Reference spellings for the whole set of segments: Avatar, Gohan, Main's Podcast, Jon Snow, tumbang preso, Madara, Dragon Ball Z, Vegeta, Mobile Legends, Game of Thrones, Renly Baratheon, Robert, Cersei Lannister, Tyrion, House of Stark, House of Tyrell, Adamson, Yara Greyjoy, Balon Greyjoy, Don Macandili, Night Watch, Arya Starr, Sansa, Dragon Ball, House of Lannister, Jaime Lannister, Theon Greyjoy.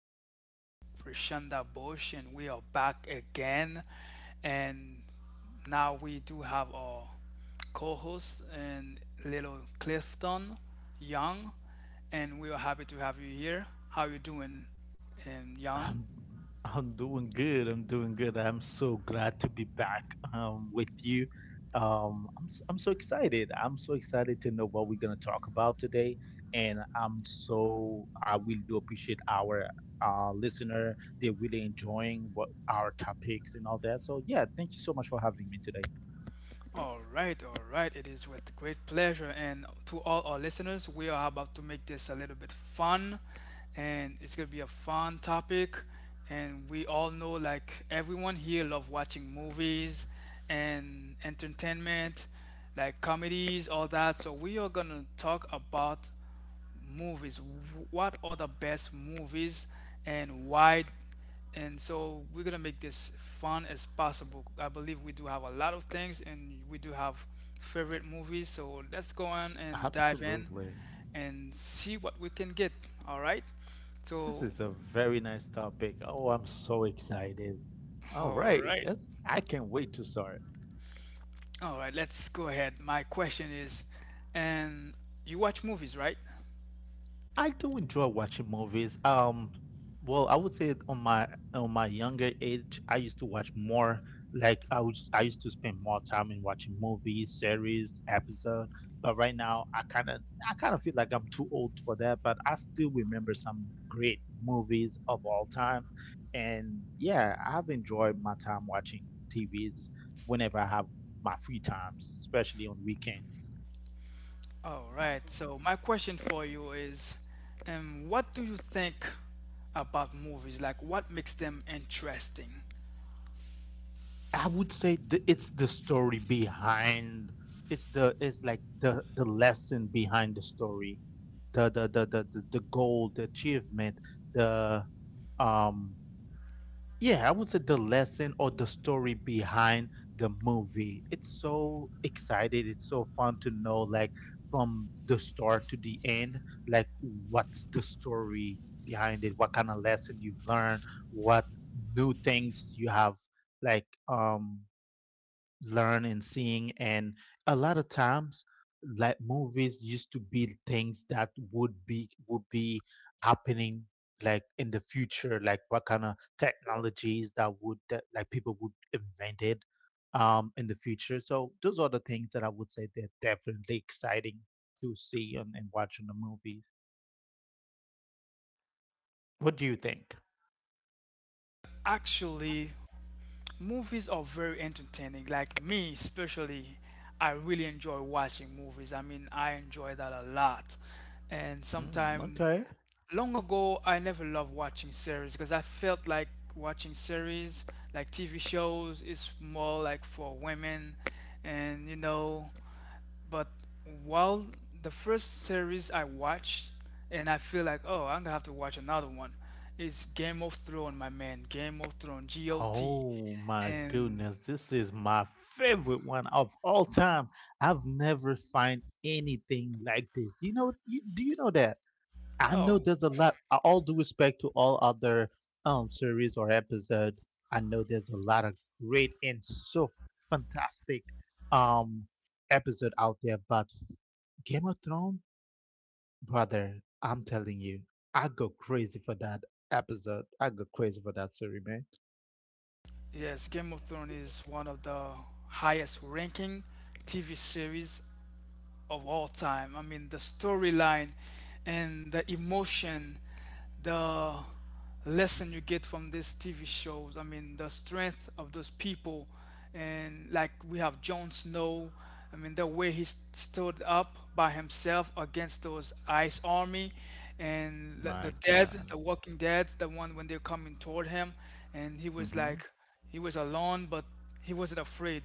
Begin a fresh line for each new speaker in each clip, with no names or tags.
This is Prashanda Bush and we are back again. And now we do have our co-host and little Clifton Young and we are happy to have you here. How you doing, Young?
I'm I'm doing good. I'm doing good. I'm so glad to be back with you. I'm so excited. I'm so excited to know what we're gonna talk about today, and I really do appreciate our listener. They're really enjoying what our topics and all that. So yeah, thank you so much for having me today.
All right, all right. It is with great pleasure. And to all our listeners, we are about to make this a little bit fun. And it's going to be a fun topic. And we all know, like, everyone here love watching movies and entertainment, like comedies, all that. So we are going to talk about movies. What are the best movies and why? And so we're gonna make this fun as possible. I believe we do have a lot of things and we do have favorite movies. So let's go on
Uh,
and dive in and see what we can get. All right.
this
So,
is a very nice topic. Oh, I'm so excited. All
all
right,
right.
I can't wait to start.
All right, let's go ahead. My question is, and you watch movies, right?
I do enjoy watching movies. Well, I would say it on my younger age, I used to watch more. Like I used to spend more time in watching movies, series, episode. But right now, I kind of feel like I'm too old for that. But I still remember some great movies of all time, and yeah, I've enjoyed my time watching TVs whenever I have my free times, especially on weekend.
All right. So my question for you is, what do you think about movies? Like, what makes them interesting?
I would say it's the story behind the is like the lesson behind the story, the goal, the achievement, the um yeah, I would say the lesson or the story behind the movie. It's so excited, it's so fun to know, like, from the start to the end, like, what's the story behind it, what kind of lesson you've learned, what new things you have, like, learn and seeing. And a lot of times, like movies used to be things that would be happening like in the future, like what kind of technologies that would that like people would invent it in the future. So those are the things that I would say they're definitely exciting to see and watch in the movies. What do you think?
Actually, movies are very entertaining. Like me, especially, I really enjoy watching movies. I mean, I enjoy that a lot. And sometime
Mm.
long ago, I never loved watching series because I felt like watching series, like TV shows, is more like for women, and you know. But while the first series I watched, and I feel like, oh, I'm gonna have to watch another one, is Game of Thrones, my man. Game of Thrones, GOT.
Oh my
And
goodness, this is my favorite one of all time. I've never find anything like this. You know, do you know that? I know
oh,
there's a lot, all due respect to all other series or episode. I know there's a lot of great and so fantastic um episode out there, but Game of Thrones, brother, I'm telling you, I go crazy for that episode. I go crazy for that series, man.
yes, Game of Thrones is one of the highest ranking TV series of all time. I mean, the storyline and the emotion, the lesson you get from these TV shows. I mean, the strength of those people. And like we have Jon Snow, I mean, the way he stood up by himself against those ice army and the dead, the walking dead, the one when they're coming toward him. And he was like, he was alone, but he wasn't afraid,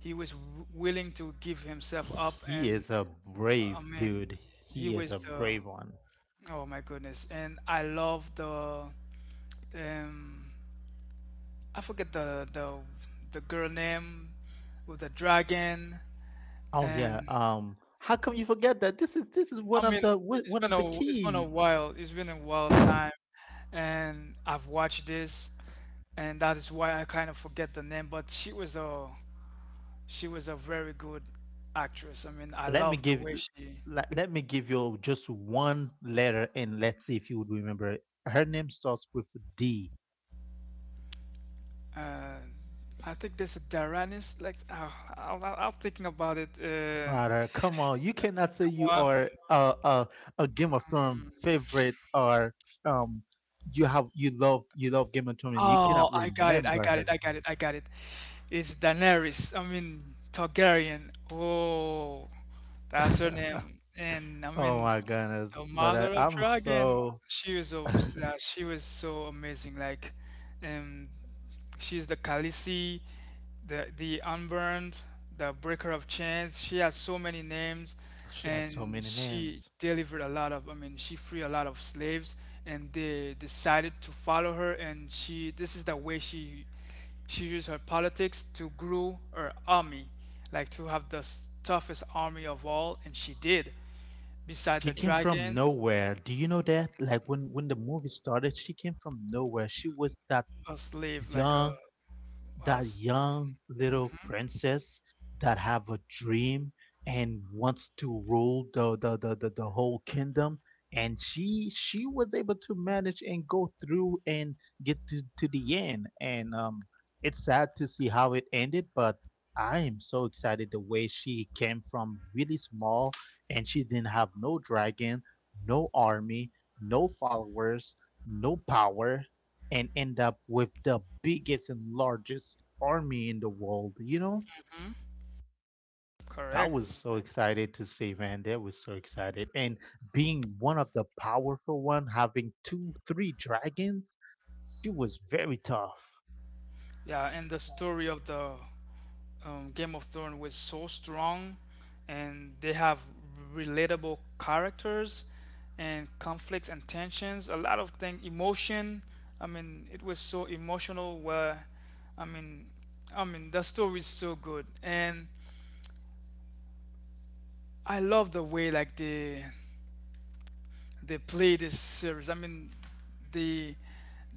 he was willing to give himself up.
He
And
is
I
brave,
mean,
dude.
he
He is a
was the
brave.
oh my goodness. And I love the um, I forget the the girl name with the dragon.
Oh yeah.
And
How come you forget that? This is
I
one of
mean,
the one one of the
it's been a
keys.
while, it's been a wild time, and I've watched this, and that is why I kind of forget the name. But she was a very good actress. I mean, I
Let me
love the
give
way she.
let me give you just one letter and let's see if you would remember it. Her name starts with D.
Uh, I think there's a Daranis like oh, I'm thinking about it.
Vara, come on, you cannot say you
Um,
are a Game of Thrones favorite or um you love Game of Thrones and you
oh,
cannot wait.
I got it, I got it, I got it, I got it. It's Daenerys. I mean Targaryen. Oh, that's her name. And I
Oh
mean
my goodness,
the
but I,
mother of
I'm
dragon.
so
She was so, yeah, she was so amazing. Like, um, she's the Khaleesi, the Unburned, the Breaker of Chains. She has so many names,
she has so
and
many.
she delivered a lot of. I mean, she freed a lot of slaves, and they decided to follow her. And she, this is the way she used her politics to grow her army, like to have the toughest army of all, and she did. Beside
She
the
came from
dragons,
nowhere. Do you know that? Like when the movie started, she came from nowhere. She was that
a slave, like a,
young,
a s-
little princess that have a dream and wants to rule the whole kingdom, and she was able to manage and go through and get to the end, and it's sad to see how it ended. But I am so excited the way she came from really small, and she didn't have no dragon, no army, no followers, no power, and end up with the biggest and largest army in the world. You know, I
correct.
was so excited to see, man. They were so excited. And being one of the powerful one, having two, three dragons, he was very tough.
Yeah, and the story of the Game of Thrones was so strong, and they have relatable characters and conflicts and tensions. A lot of things, emotion. I mean, it was so emotional. Where, I mean, I mean, the story is so good, and I love the way like they play this series. I mean, the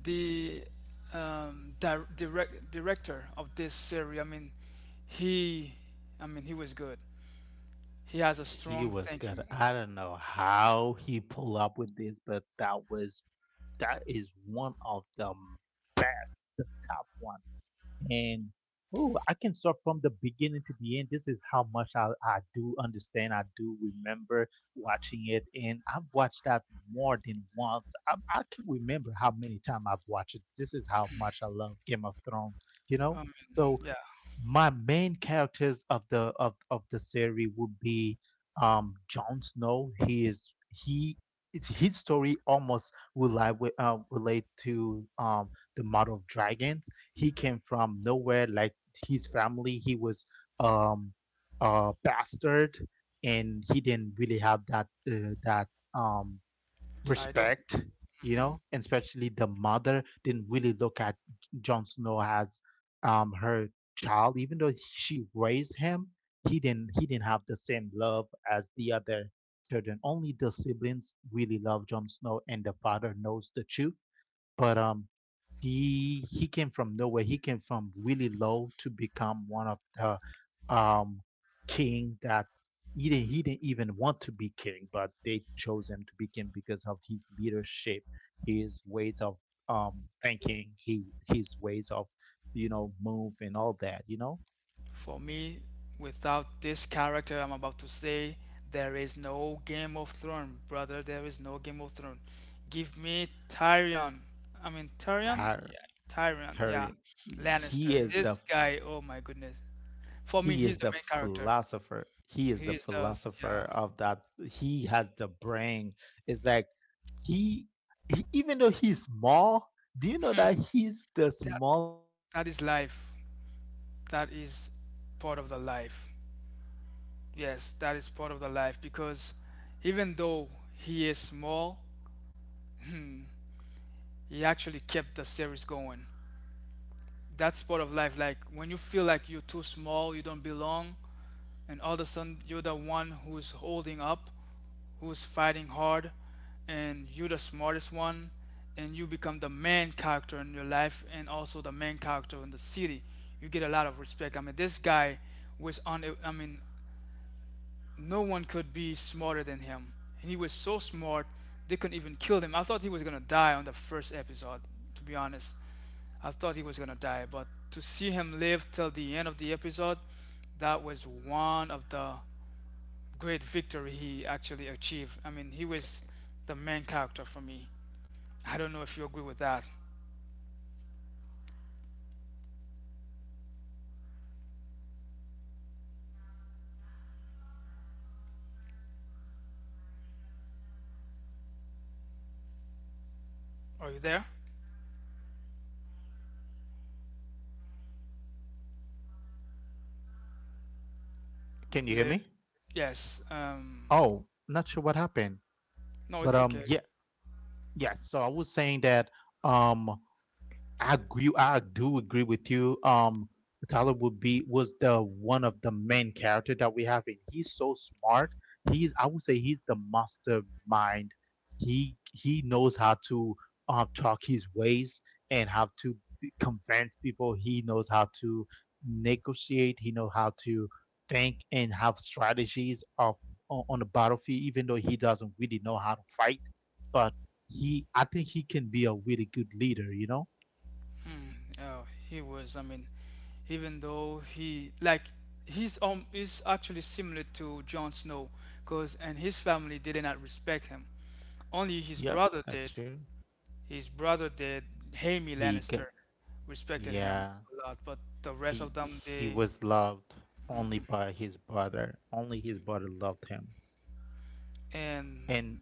the direct director of this series. He, I mean, he was good. He has a
He
strong
was good.
thinking.
I don't know how he pulled up with this, but that is one of the best, the top one. And oh, I can start from the beginning to the end. This is how much I do understand. I do remember watching it, and I've watched that more than once. I can remember how many times I've watched it. This is how much I love Game of Thrones, you know? So
Yeah,
my main characters of the series would be Jon Snow. He is he it's his story almost relate to the Mother of Dragons. He came from nowhere, like his family. He was um a bastard, and he didn't really have that um
title.
respect you
Hmm.
know, and especially the mother didn't really look at Jon Snow as her child, even though she raised him. He didn't. He didn't have the same love as the other children. Only the siblings really love Jon Snow, and the father knows the truth, but he came from nowhere. He came from really low to become one of the um king that he didn't even want to be king, but they chose him to be king because of his leadership, his ways of thinking, he his ways of move, and all that.
For me, without this character I'm about to say, there is no Game of Thrones, brother. There is no Game of Thrones. Give me Tyrion. I mean Tyrion?
Tyr,
Yeah, Tyrion. Yeah,
Tyrion. He
Lannister.
is
This guy. Oh my goodness. For me,
He is
he's the
the
main character.
philosopher. He is
He
the
is the
philosopher
yeah.
of that. He has the brain. It's like he, he even though he's small, do you know that he's the small?
That is life. That is part of the life. Yes, that is part of the life because even though he is small, he actually kept the series going. That's part of life. Like when you feel like you're too small, you don't belong, and all of a sudden you're the one who's holding up, who's fighting hard, and you're the smartest one, and you become the main character in your life and also the main character in the city. You get a lot of respect. I mean, this guy was on. I mean, no one could be smarter than him. And he was so smart, they couldn't even kill him. I thought he was gonna die on the first episode, to be honest. I thought he was gonna die, but to see him live till the end of the episode, that was one of the great victory he actually achieved. I mean, he was the main character for me. I don't know if you agree with that. Are you there?
Can you hear
Le-
me?
yes.
Oh, not sure what happened.
No,
But
it's okay.
yeah, yeah, so I was saying that um I agree. I do agree with you. Talib would be was the one of the main character that we have, and he's so smart. He's I would say he's the mastermind. He knows how to talk his ways and how to convince people. He knows how to negotiate. He knows how to think and have strategies of on the battlefield, even though he doesn't really know how to fight. But I think he can be a really good leader. You know.
Mm, oh, he was. I mean, even though he like he's is actually similar to Jon Snow, cause and his family did not respect him. Only his
Yep,
brother
that's
did.
true.
His brother did. Jaime
He got,
Lannister respected him
yeah,
a lot, but the rest
he
of them
he
they
was loved only by his brother. Only his brother loved him.
and
And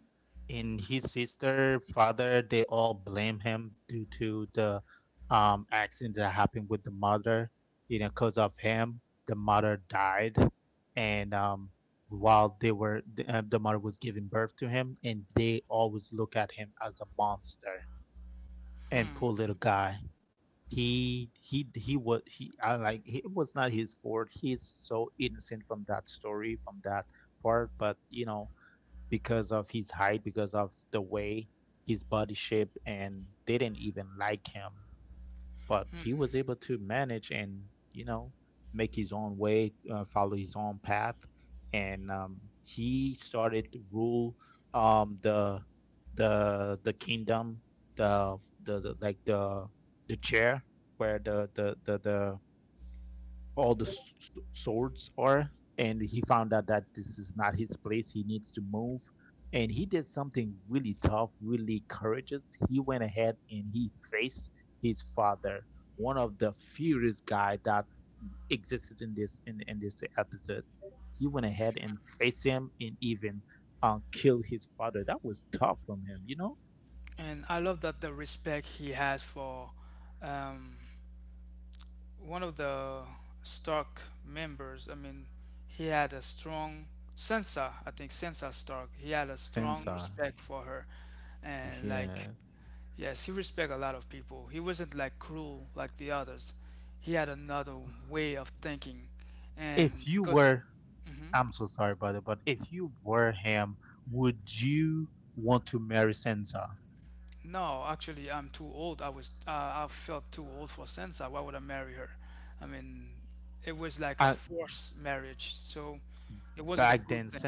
in his sister, father, they all blame him due to the accident that happened with the mother. You know, because of him, the mother died, and while they were the mother was giving birth to him, and they always look at him as a monster. And
hmm.
poor little guy, he was he I like he, it was not his fault. He is so innocent from that story, from that part, but because of his height, because of the way his body shape, and they didn't even like him, but he was able to manage and you know make his own way, follow his own path, and he started to rule the kingdom, the, the the like the the chair, where the all the s- swords are, and he found out that this is not his place. He needs to move, and he did something really tough, really courageous. He went ahead and he faced his father, one of the furious guy that existed in this in this episode. He went ahead and faced him and even killed his father. That was tough from him.
And I love that the respect he has for um one of the Stark members. I mean, he had a strong Sansa, I think Sansa Stark. He had a strong
So
respect for her, and like,
yeah.
yes, he respect a lot of people. He wasn't like cruel like the others. He had another way of thinking,
if
and
you
because
were
hmm
I'm so sorry, brother, but if you were him, would you want to marry Sansa?
no, actually, I'm too old. I was I felt too old for Sansa. Why would I marry her? I mean, it was like a
I,
forced marriage, so it wasn't a
back
good
then,
thing.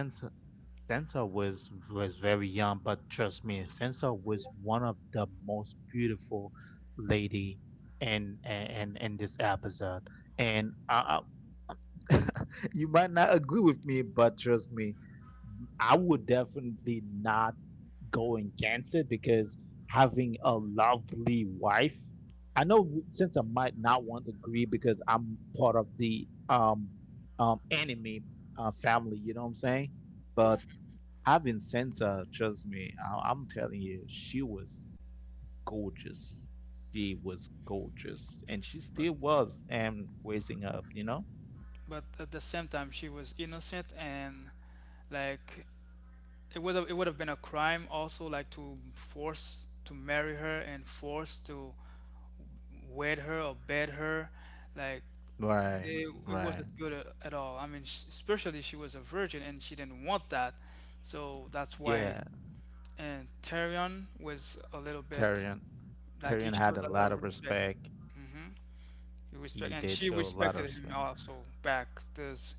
Sansa was very young, but trust me, Sansa was one of the most beautiful lady in this episode. And I, you might not agree with me, but trust me, I would definitely not go against it because having a lovely wife, since I might not want to agree because I'm part of the enemy, family, you know what I'm saying? But having Sansa, trust me, I'm telling you, she was gorgeous. She was gorgeous, and she still was, and raising up.
But at the same time she was innocent and like it would have been a crime also like to force to marry her and force to wed her or bed her like
Right,
it
right.
wasn't good at all. I mean sh especially she was a virgin and she didn't want that, so that's why.
Yeah,
And Tyrion was a little bit
Tyrion.
like he
Tyrion had
shows
a
a lot
lot
of
of
respect.
respect.
Hmm. He respect
He
and
did.
she respected him also back this,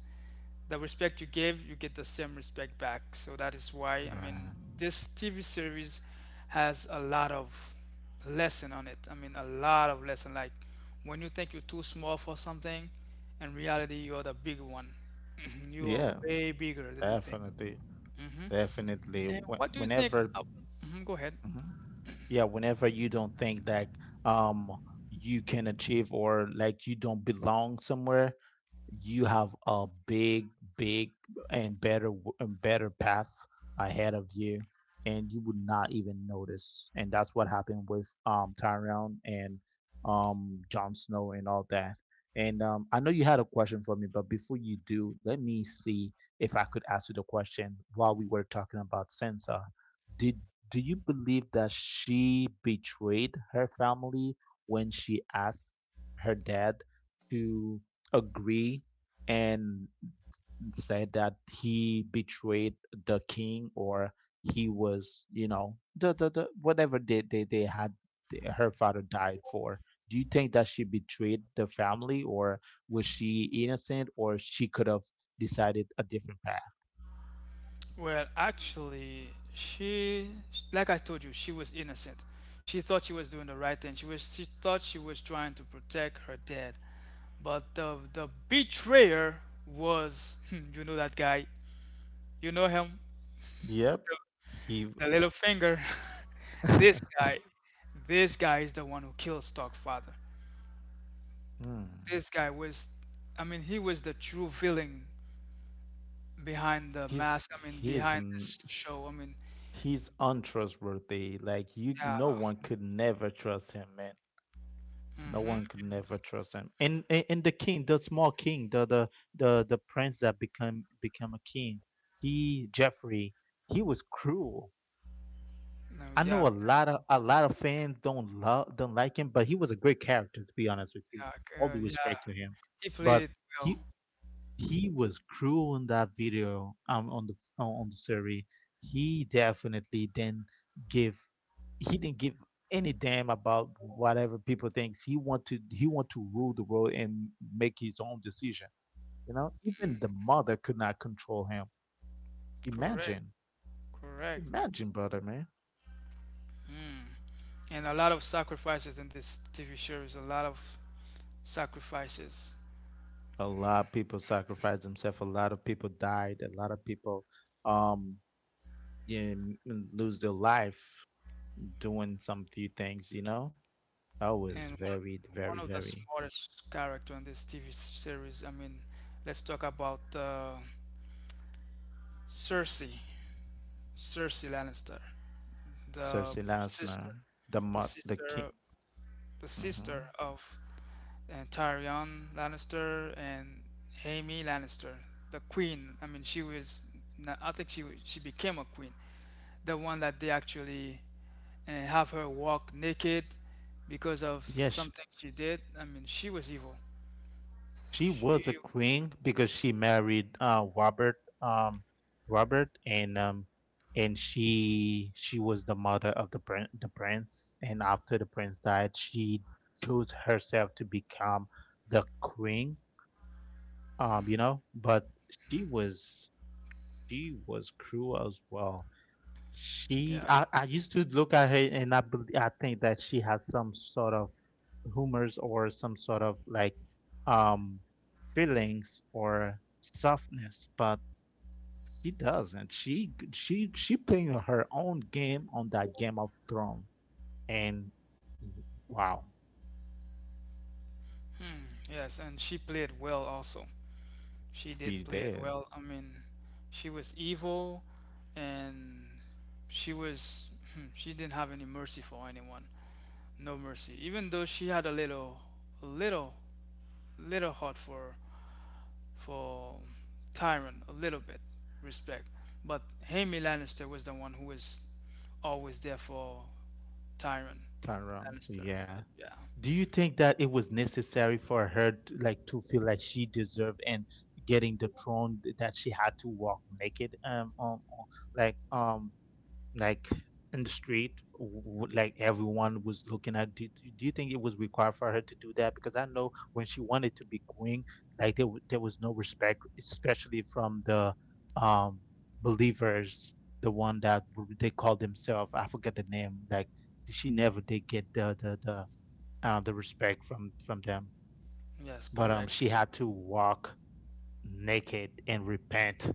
the respect you give, you get the same respect back. So that is why I mean this TV series has a lot of lesson on it. I mean a lot of lesson. Like when you think you're too small for something, in reality you're the big one. You are
Yeah,
way bigger than you think.
definitely.
And what do you think?
Whenever.
Mhm, go ahead.
Yeah, whenever you don't think that um you can achieve, or like you don't belong somewhere, you have a big, big and better and better path ahead of you, and you would not even notice. And that's what happened with Tyrion and Jon Snow and all that. And I know you had a question for me, but before you do, let me see if I could ask you the question while we were talking about Sansa. Did do you believe that she betrayed her family when she asked her dad to agree and said that he betrayed the king, or he was, the whatever they had her father died for. Do you think that she betrayed the family, or was she innocent, or she could have decided a different path?
Well, actually, she, like I told you, she was innocent. She thought she was doing the right thing. She thought she was trying to protect her dad. But the betrayer was, you know that guy, you know him,
Yep.
the little finger. This guy, this guy is the one who killed Starkfather.
Hmm.
This guy was, I mean, he was the true villain behind the mask. I mean, behind this show. I mean,
He's untrustworthy. Like you
yeah,
no one could never trust him, man. No
mm-hmm,
one could never trust him. And the king, the small king, the prince that became a king, he Jeffrey, he was cruel. I
yeah.
know a lot of fans don't like him, but he was a great character, to be honest with you. All the was,
Yeah, he
but
played it well.
he was cruel in that video on the survey. He definitely didn't give, he didn't give any damn about whatever people thinks. He want to he want to rule the world and make his own decision, you know, even the mother could not control him.
Correct,
Imagine,
correct.
imagine, brother, man.
And a lot of sacrifices in this TV series, a lot of sacrifices.
A lot of people sacrificed themselves, a lot of people died, a lot of people, um yeah, m- lose their life doing some few things, you know. Oh, it's
And
very, very,
one of the
very.
smartest character in this TV series, I mean, let's talk about Cersei, Cersei Lannister, the
Cersei
sister,
Lannister,
the
the king.
sister, the sister
Hmm.
of and Tyrion Lannister and Jaime Lannister, the queen. I mean, she was. I think she became a queen. The one that they actually have her walk naked because of
Yes,
something she did. I mean, she was evil.
she
She
was a
was.
queen because she married Robert, um Robert, and she was the mother of the prince, and after the prince died she chose herself to become the queen, you know, but she
Mhm.
was, she was cruel as well. She,
Yeah.
I used to look at her and I think that she has some sort of humors or some sort of like, um feelings or softness, but she doesn't. She playing her own game on that Game of Thrones, and wow,
Hmm, yes, and she played well also. She
she
did play it
did
well. I mean, she was evil and she was hmm, she didn't have any mercy for anyone. No mercy. Even though she had a little, little heart for Tyrion, a little bit respect, but Jaime Lannister was the one who was always there for Tyrion.
around.
Lannister.
Yeah.
Yeah.
Do you think that it was necessary for her to, like, to feel like she deserved and getting the throne that she had to walk naked on, like um like in the street, like everyone was looking at, do you think it was required for her to do that? Because I know when she wanted to be queen, like there, there was no respect, especially from the um believers, the one that they call themselves, I forget the name, like she never did get the respect from them.
Yes,
But
correct.
she had to walk naked and repent.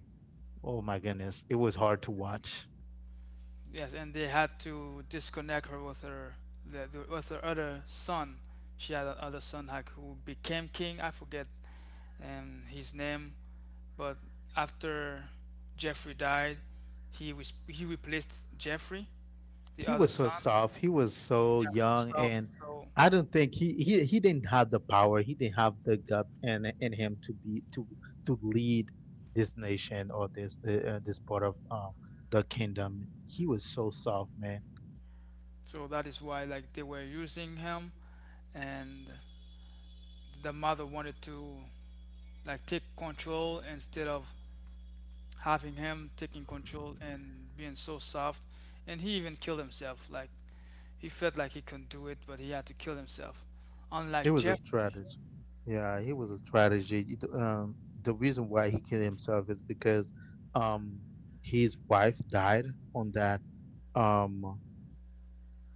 Oh my goodness, it was hard to watch.
Yes, and they had to disconnect her with her with her other son. She had another son like, who became king. I forget his name. But after Jeffrey died, he was he replaced Jeffrey, the
He
other
was so
son.
soft. He was so
Yeah, so
young,
soft.
and
So
I don't think he didn't have the power. He didn't have the guts in him to be, to lead this nation or this this part of the kingdom. He was so soft, man.
so that is why like they were using him, and the mother wanted to like take control instead of having him taking control and being so soft. And he even killed himself. Like he felt like he couldn't do it, but he had to kill himself.
It
Unlike
was a
Jeffrey.
strategy. Yeah, it was a strategy. The reason why he killed himself is because, um, his wife died on that, um,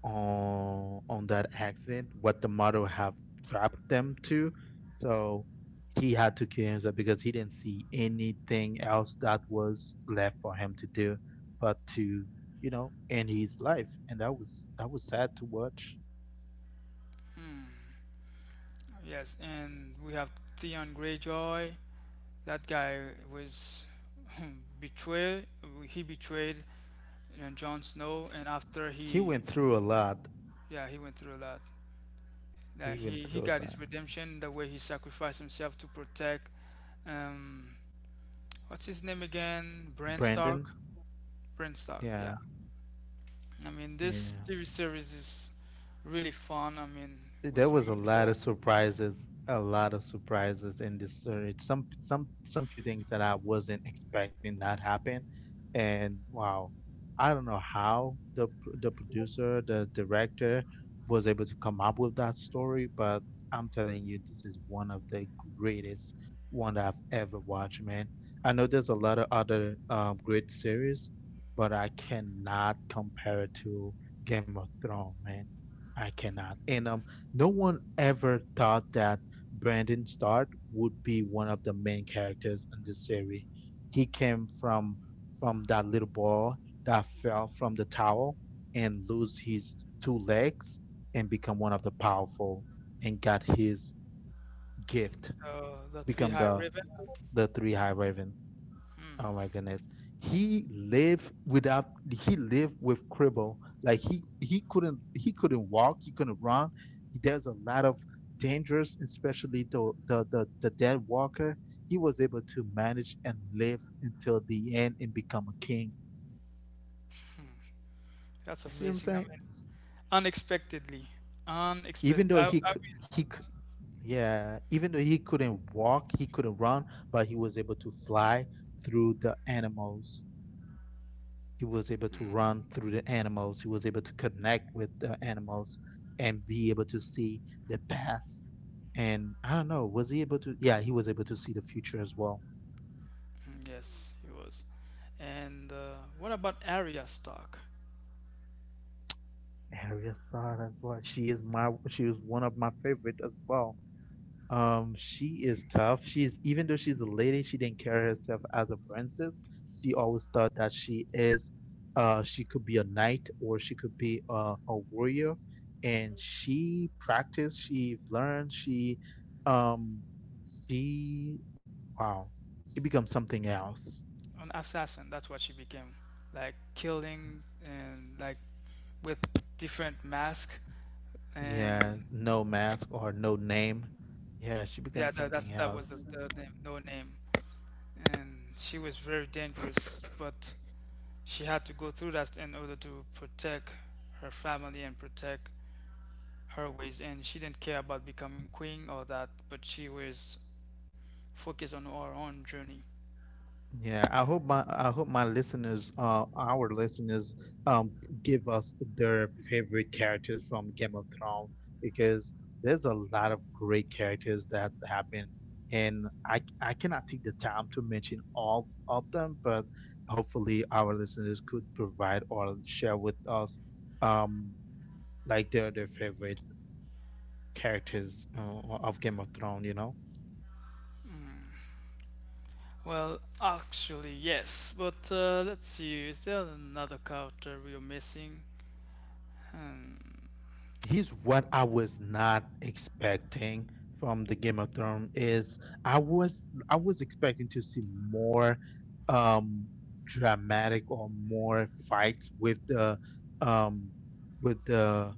on that accident, what the mother have trapped them to, so he had to kill himself because he didn't see anything else that was left for him to do, but to, you know, end his life. And that was sad to watch.
Hmm, yes, and we have Theon Greyjoy. That guy was betrayed. He betrayed Jon Snow,
He,
and after
he
he,
went through a lot.
yeah, he went through a lot. Like
He went
he
through a
got his
lot.
redemption the way he sacrificed himself to protect. Um, what's his name again? Bran Stark.
Brandon.
Bran Stark.
Yeah,
Yeah. I mean, this
yeah.
TV series is really fun. I mean, it
There
was
was a lot
beautiful.
of surprises, a lot of surprises in this series. Some few things that I wasn't expecting that happen, and wow, I don't know how the producer, the director was able to come up with that story. But I'm telling you, this is one of the greatest one that I've ever watched, man. I know there's a lot of other great series, but I cannot compare it to Game of Thrones, man. I cannot. And no one ever thought that Brandon Stark would be one of the main characters in the series. He came from that little boy that fell from the tower and lose his two legs and become one of the powerful and got his gift,
The Three
become
High Raven.
the three high raven.
Hmm,
Oh my goodness. He lived without he lived with cripple. Like he couldn't walk, he couldn't run. There's a lot of dangers, especially the dead walker. He was able to manage and live until the end and become a king.
that's
You see what I'm
amazing. I
saying?
mean, unexpectedly,
Even
unexpected. I,
though
I mean,
he cou- yeah, even though he couldn't walk, he couldn't run, but he was able to fly through the animals. He was able to run through the animals. He was able to connect with the animals and be able to see the past. And I don't know, was he able to? Yeah, he was able to see the future as well.
mm, yes, he was. And what about Arya Stark?
Arya Starr as well. She is my. She was one of my favorite as well. She is tough. She's, even though she's a lady, she didn't carry herself as a princess. She always thought that she is, she could be a knight or she could be a warrior. And she practiced, she learned, um, she, wow, she becomes something else.
An assassin, that's what she became. Like killing and like with different masks, and
Yeah, no mask or no name. Yeah, she
yeah,
becomes
that, that's
something
that was the,
else.
the name, no name. And she was very dangerous, but she had to go through that in order to protect her family and protect her ways. And she didn't care about becoming queen or that, but she was focused on her own journey.
Yeah, I hope our listeners, um, give us their favorite characters from Game of Thrones, because there's a lot of great characters that happen, and I cannot take the time to mention all of them, but hopefully our listeners could provide or share with us, um, like their favorite characters of Game of Thrones, you know.
Well, actually, yes, but let's see, is there another character we are missing? Hmm.
He's what I was not expecting from the Game of Thrones is I was expecting to see more um dramatic or more fights um with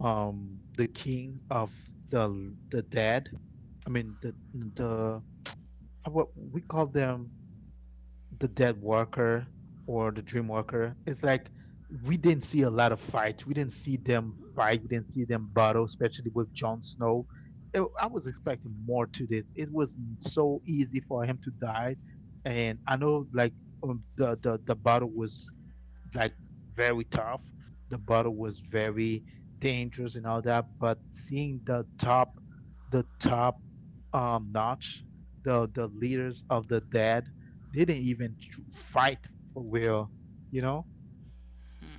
the king of the dead. I mean the what we call them, the Dead Walker or the Dream Walker. It's like we didn't see a lot of fights. We didn't see them fight. We didn't see them battle, especially with Jon Snow. It, I was expecting more to this. It was so easy for him to die, and I know, like the battle was like very tough. The battle was very dangerous and all that. But seeing the top notch, the leaders of the dead, they didn't even fight for real. You know,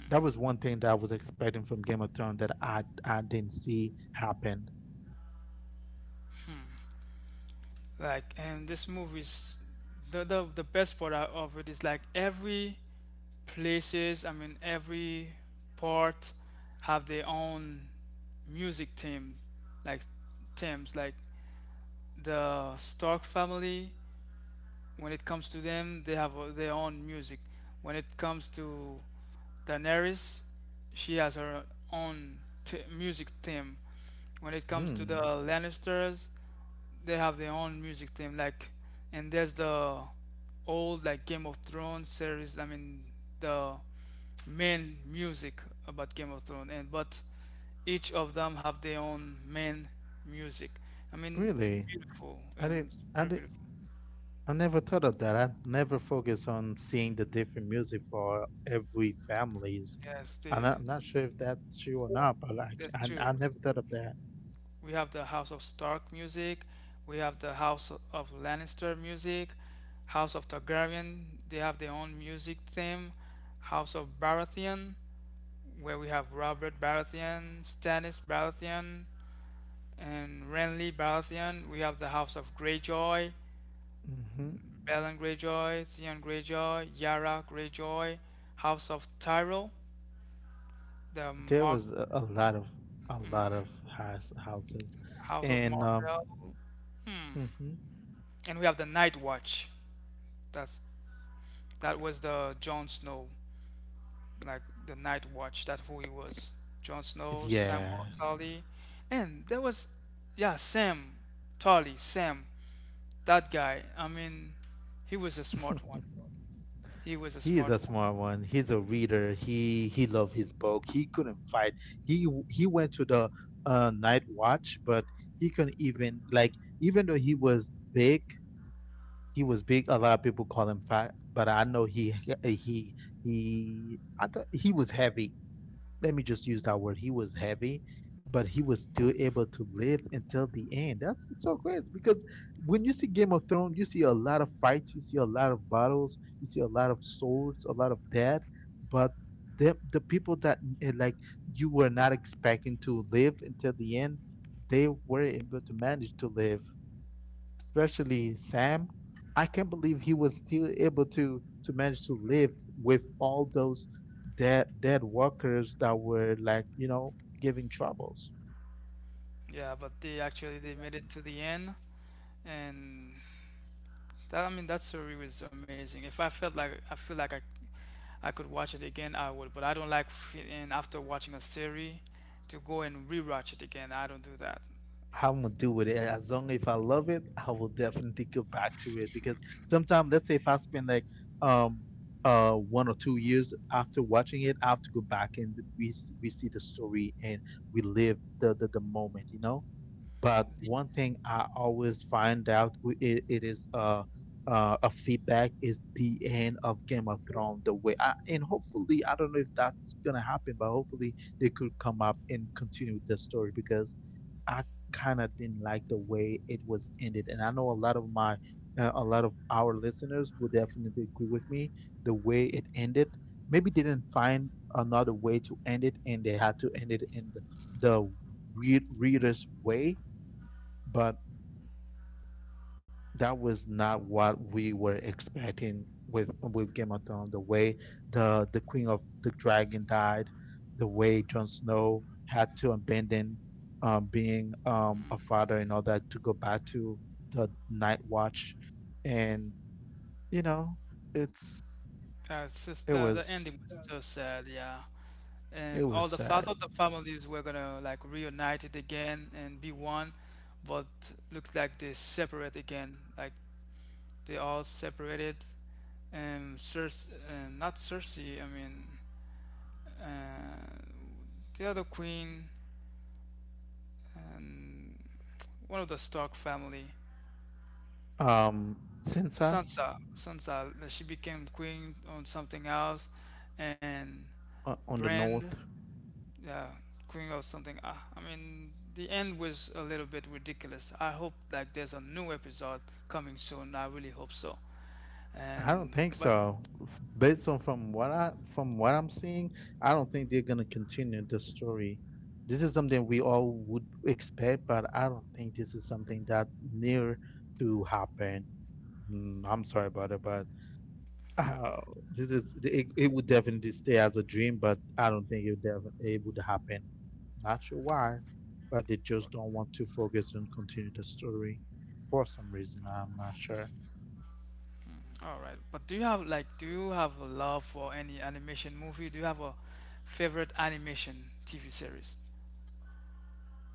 that was one thing that I was expecting from Game of Thrones that I didn't see happen.
Like, and this movie's the best part out of it is like every places, I mean, every part have their own music theme, like themes, like the Stark family. When it comes to them, they have their own music. When it comes to Daenerys, she has her own music theme. When it comes to the
Hmm.
Lannisters, they have their own music theme. Like, and there's the old like Game of Thrones series. I mean, the main music about Game of Thrones, and but each of them have their own main music. I mean, it's
Really,
beautiful and it's
I
very
did.
beautiful.
I never thought of that. I never focused on seeing the different music for every families.
Yes,
And
they,
I'm not sure if that's true or not, but like
that's true.
I never thought of that.
We have the House of Stark music, we have the House of Lannister music, House of Targaryen, they have their own music theme, House of Baratheon, where we have Robert Baratheon, Stannis Baratheon, and Renly Baratheon. We have the House of Greyjoy,
Hmm.
Balon Greyjoy, Theon Greyjoy, Yara Greyjoy, House of Tyrell, the
There
Mark,
was a lot of houses,
House of
and
Martell,
mhm,
and we have the Night Watch. That's that was the Jon Snow. Like the Night Watch. That's who he was. Jon Snow, Sam
yeah.
Tully, and there was, yeah, Sam. That guy. I mean, he was a smart one. He was a
He is
smart
a
one.
smart one. He's a reader. He loved his book. He couldn't fight. He went to the night watch, but he couldn't even like, even though he was big, he was big. A lot of people call him fat, but I know he he I thought he was heavy, let me just use that word. He was heavy, but he was still able to live until the end. That's so crazy because when you see Game of Thrones, you see a lot of fights, you see a lot of battles, you see a lot of swords, a lot of death, but the people that like you were not expecting to live until the end, they were able to manage to live. Especially Sam, I can't believe he was still able to manage to live with all those dead workers that were like, you know, giving troubles.
Yeah, but they actually they made it to the end, and that, I mean, that story was amazing. If I felt like I feel like I could watch it again, I would. But I don't like feeling after watching a series to go and rewatch it again. I don't do that.
How I'm gonna do with it, as long if I love it I will definitely go back to it, because sometimes, let's say if I spend like um 1 or 2 years after watching it, I have to go back and we see the story and we live the moment, you know. But
The,
one thing I always find out, it is a feedback, is the end of Game of Thrones. The way I, in hopefully, I don't know if that's going to happen, but hopefully they could come up and continue with the story, because I kind of didn't like the way it was ended. And I know a lot of a lot of our listeners will definitely agree with me. The way it ended, maybe they didn't find another way to end it and they had to end it in the, the reader's way. But that was not what we were expecting with Game of Thrones. The way the Queen of the Dragon died, the way Jon Snow had to abandon being a father and all that to go back to the Night Watch, and you know, it's
it's
it
just the
was,
ending was so sad. Yeah.
it
And
was
all the
sad.
thought the families were gonna like reunite it again and be one, but looks like they separate again. Like they all separated. Cersei, not Cersei. I mean, uh, the other queen and one of the Stark family.
Um, Sansa
Sansa, she became queen on something else, and
on the
Brand,
north.
yeah, queen or something, I mean the end was a little bit ridiculous. I hope like there's a new episode coming soon. I really hope so,
I
and
don't think
but
so. Based on from what I from what I'm seeing, I don't think they're gonna continue the story. This is something we all would expect, but I don't think this is something that near to happen. I'm sorry about it, but uh, this is it would definitely stay as a dream, but I don't think it would happen. Not sure why, but they just don't want to focus and continue the story for some reason. I'm not sure.
all right, but do you have like, do you have a love for any animation movie? Do you have a favorite animation TV series?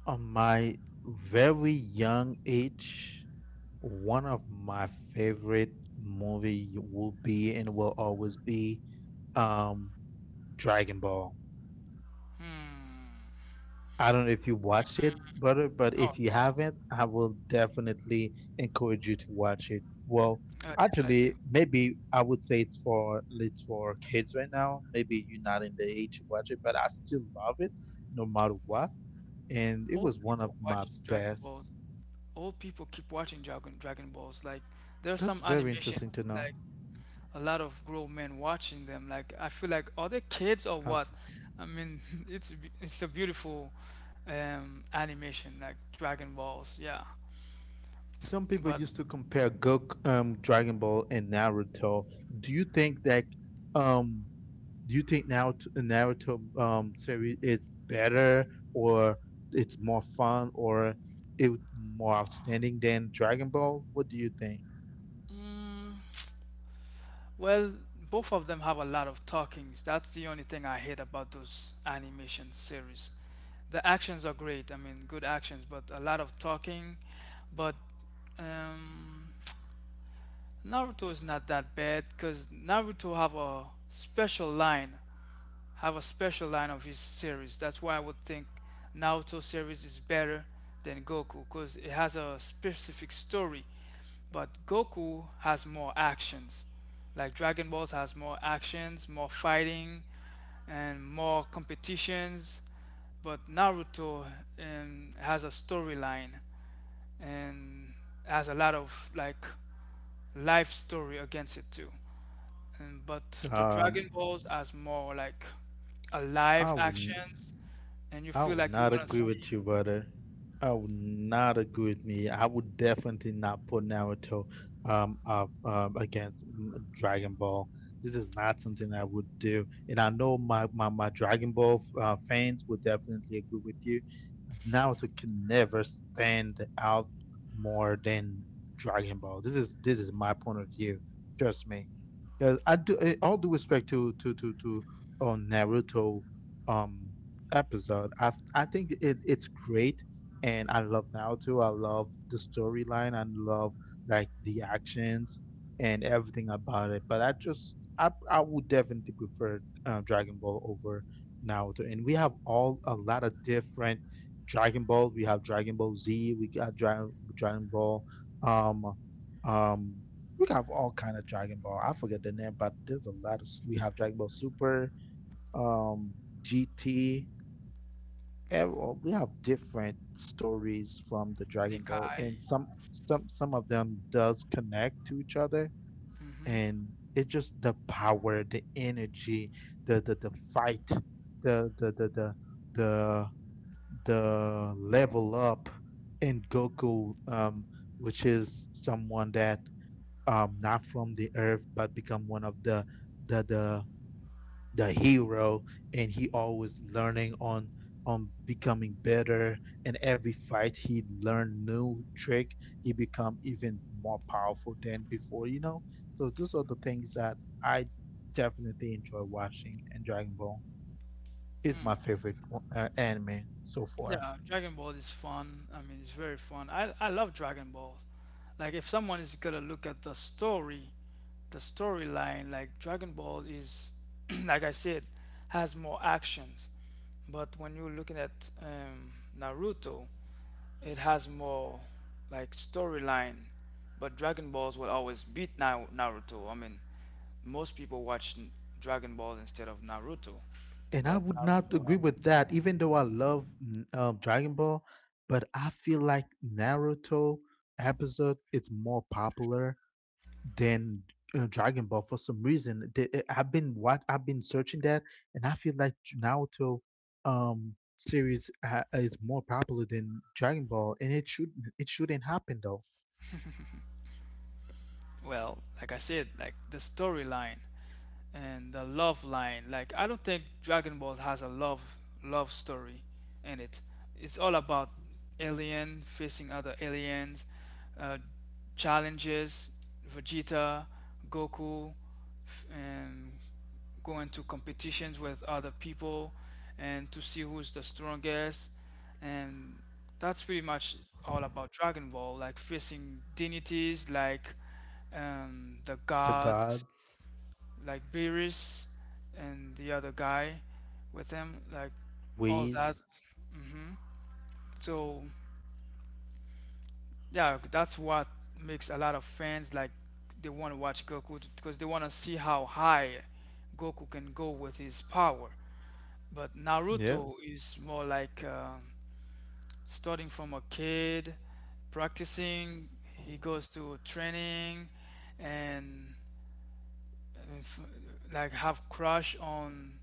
On my very young age, one of my favorite movie will be and will always be um Dragon Ball.
Hmm.
I don't know if you watched it, brother, but
Oh
if you
yes,
haven't, I will definitely encourage you to watch it. Well,
yes I do.
actually, maybe I would say it's for kids right now. Maybe you're not in the age to watch it, but I still love it no matter what. And it
Old
was one of
people
my
watch Dragon Balls, old people keep watching Dragon Balls, like there are
that's
some
very
animations
no.
like a lot of grown men watching them. Like I feel like are they kids or what? I mean, it's it's a beautiful animation like Dragon Balls, yeah.
Some people
But
used to compare Goku, Dragon Ball, and Naruto. Do you think that um, do you think now Naruto series is better, or it's more fun, or it more outstanding than Dragon Ball? What do you think?
mm, well, both of them have a lot of talkings. That's the only thing I hate about those animation series. The actions are great. I mean, good actions, but a lot of talking. But um, Naruto is not that bad because Naruto have a special line of his series. That's why I would think Naoto series is better than Goku because it has a specific story. But Goku has more actions. Like Dragon Balls has more actions, more fighting, and more competitions. But Naruto has a storyline and has a lot of like life story against it too. And but the Dragon
Um,
Balls has more like a live
I would
actions, and you
I
feel
would
like you
not
wanna
agree.
see
You, brother. Oh, not agree with me. I would definitely not put Naruto up against Dragon Ball. This is not something I would do, and I know my Dragon Ball fans would definitely agree with you. Naruto can never stand out more than Dragon Ball. This is my point of view. Trust me, because I do all due respect to on Naruto. Um, episode. I think it's great, and I love Naruto. I love the storyline. I love like the actions and everything about it. But I just I would definitely prefer Dragon Ball over Naruto. And we have all a lot of different Dragon Balls. We have Dragon Ball Z. We got Dragon Ball. Um, um, we have all kind of Dragon Ball. I forget the name, but there's a lot of. We have Dragon Ball Super um GT well, we have different stories from the Dragon Ball,
Zekai.
and some of them does connect to each other,
Hmm.
and it's just the power, the energy, the fight, the the the the the, the level up in Goku, which is someone that not from the earth but become one of the the the hero, and he always learning on becoming better, and every fight he learn new trick. He become even more powerful than before. So those are the things that I definitely enjoy watching, and dragon ball is my favorite anime so far.
Yeah, Dragon Ball is fun. I mean, it's very fun. I love Dragon Ball. Like if someone is gonna look at the story, the storyline, like Dragon Ball is, like I said, has more actions. But when you're looking at Naruto. It has more like storyline, but Dragon Balls will always beat Na Naruto. I mean, most people watch Dragon Ball instead of Naruto,
And I
but
would not
Naruto,
agree with that, even though I love dragon ball, but I feel like naruto episode is more popular than Dragon Ball for some reason. The- I've been what I've been searching that, and I feel like Naruto series is more popular than Dragon Ball, and it shouldn't happen though.
well, like I said, like the storyline and the love line. Like I don't think Dragon Ball has a love story in it. It's all about alien facing other aliens, uh, challenges. Vegeta, Goku, and go into competitions with other people and to see who's the strongest, and that's pretty much all about Dragon Ball, like facing deities like the
The
gods
God
like Beerus and the other guy with him, like all that.
ways.
Hmm. So yeah, that's what makes a lot of fans like, they want to watch Goku because they want to see how high Goku can go with his power. But
Yeah.
Naruto is more like starting from a kid, practicing, he goes to training, and uh, f- like have crush on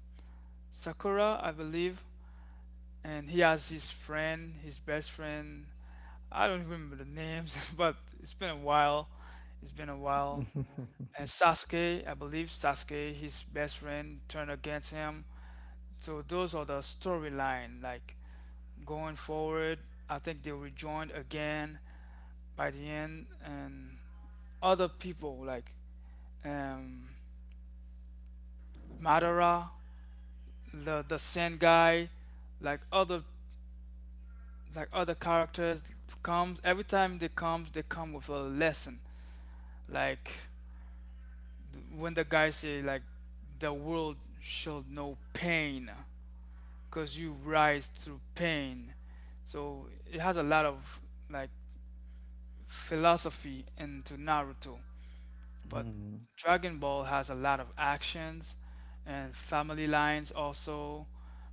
Sakura, I believe. And he has his friend, his best friend. I don't remember the names, but it's been a while. It's been a while. And Sasuke, I believe Sasuke, his best friend, turned against him. So those are the storyline, like going forward. I think they will join again by the end, and other people like um, Madara, the Sen guy, like other like other characters comes. Every time they comes, they come with a lesson. Like when the guy say like the world shall know pain, cause you rise through pain. So it has a lot of like philosophy into Naruto. But
Hmm.
Dragon Ball has a lot of actions and family lines also,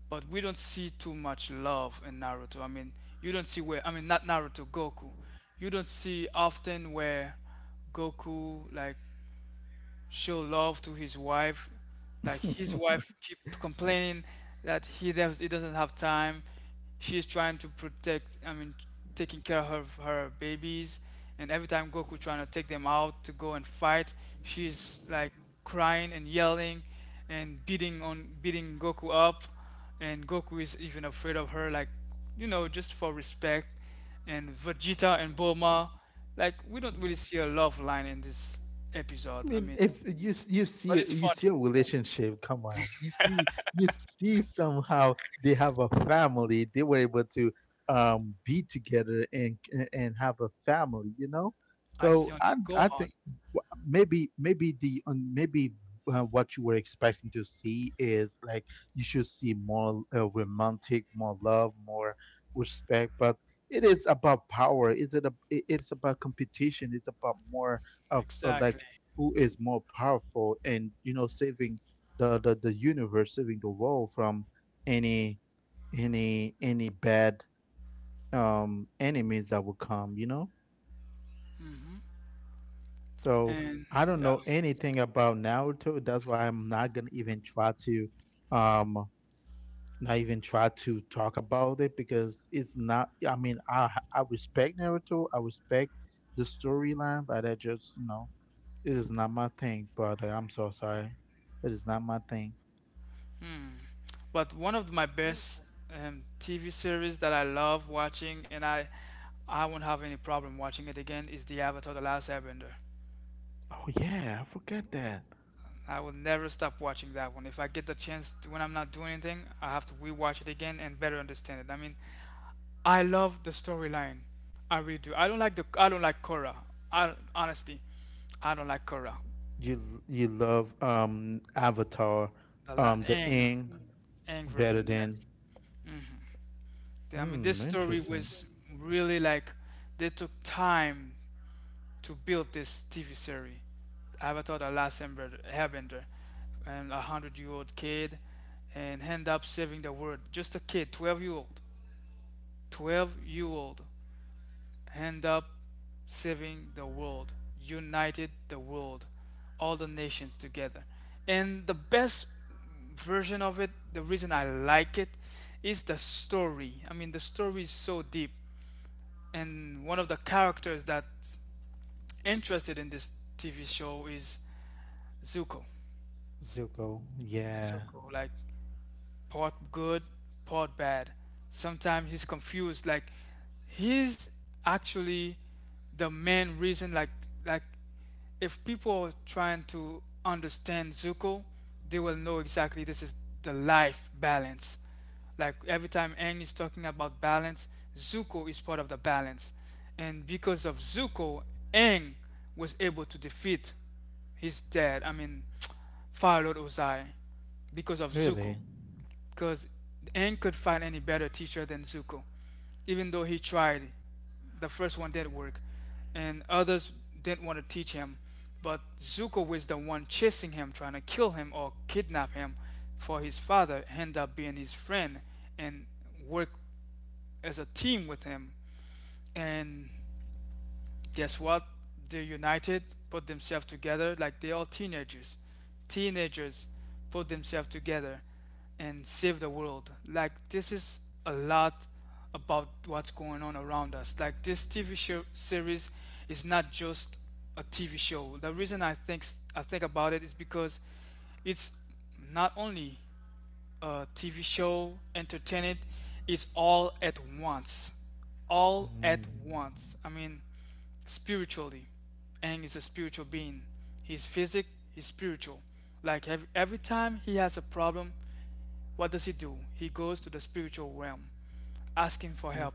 but we don't see too much love in Naruto. I mean, you don't see where, I mean not Naruto, Goku. You don't see often where Goku like show love to his wife. Like his
I
wife keep complaining that he doesn't have time. She's trying to protect, I mean, taking care of her babies, and every time Goku trying to take them out to go and fight, she's like crying and yelling and beating Goku up, and Goku is even afraid of her, like you know, just for respect. And Vegeta and Bulma, like we don't really see a love line in this episode. I
mean,
mean,
if you s- you
but
see
it's
you
funny.
see a relationship, come on, you see somehow they have a family. They were able to be together and have a family. You know,
I see
so I
only
I
Gohan,
maybe maybe the um, maybe uh, what you were expecting to see is like you should see more romantic, more love, more respect, but it is about power. Is it a, it- It's about competition. It's about more of like
exactly.
who is more powerful, and saving the universe, saving the world from any any bad enemies that will come. So
And
I don't
yeah,
know anything about Naruto. That's why I'm not gonna even try to, um, not even try to talk about it because it's not. I mean, I respect Naruto. I respect the storyline, but I just. It is not my thing. Brother, I'm so sorry, it is not my thing.
but one of my best TV series that I love watching, and I won't have any problem watching it again, is The Avatar: The Last Airbender.
Oh yeah, I forget that.
I will never stop watching that one. If I get the chance to, when I'm not doing anything, I have to rewatch it again and better understand it. I mean, I love the storyline. I really do. I don't like Korra. I honestly, I don't like Korra.
You love Avatar, the
Aang,
Aang
Aang
better
version,
than
yes. I mean, this
hmm int-
story was really like they took time to build this TV series. Avatar: The Last Airbender, Airbender, and a 100-year-old kid, and end up saving the world. Just a kid, 12-year-old, 12-year-old, end up saving the world, united the world, all the nations together. And the best version of it, the reason I like it, is the story. I mean, the story is so deep. And one of the characters that's interested in this TV show is Zuko.
Zuko. Yeah,
Zuko, like part good, part bad. Sometimes he's confused. Like he's actually the main reason. Like if people are trying to understand Zuko, they will know exactly this is the life balance. Like every time Aang is talking about balance, Zuko is part of the balance. And because of Zuko, Aang was able to defeat his dad, I mean, Fire Lord Ozai, because of Zuko,
really.
because Aang could find any better teacher than Zuko, even though he tried. The first one did not work, and others didn't want to teach him. But Zuko was the one chasing him, trying to kill him or kidnap him for his father, end up being his friend and work as a team with him. And guess what? They're united, put themselves together like they are teenagers. Teenagers put themselves together and save the world. Like this is a lot about what's going on around us. Like this TV show series is not just a TV show. The reason I think about it is because it's not only TV show, entertainment is all at once. All at
Mm,
once. I mean, spiritually. Aang is a spiritual being. He's physic, he's spiritual. Like every time he has a problem, what does he do? He goes to the spiritual realm, asking for help,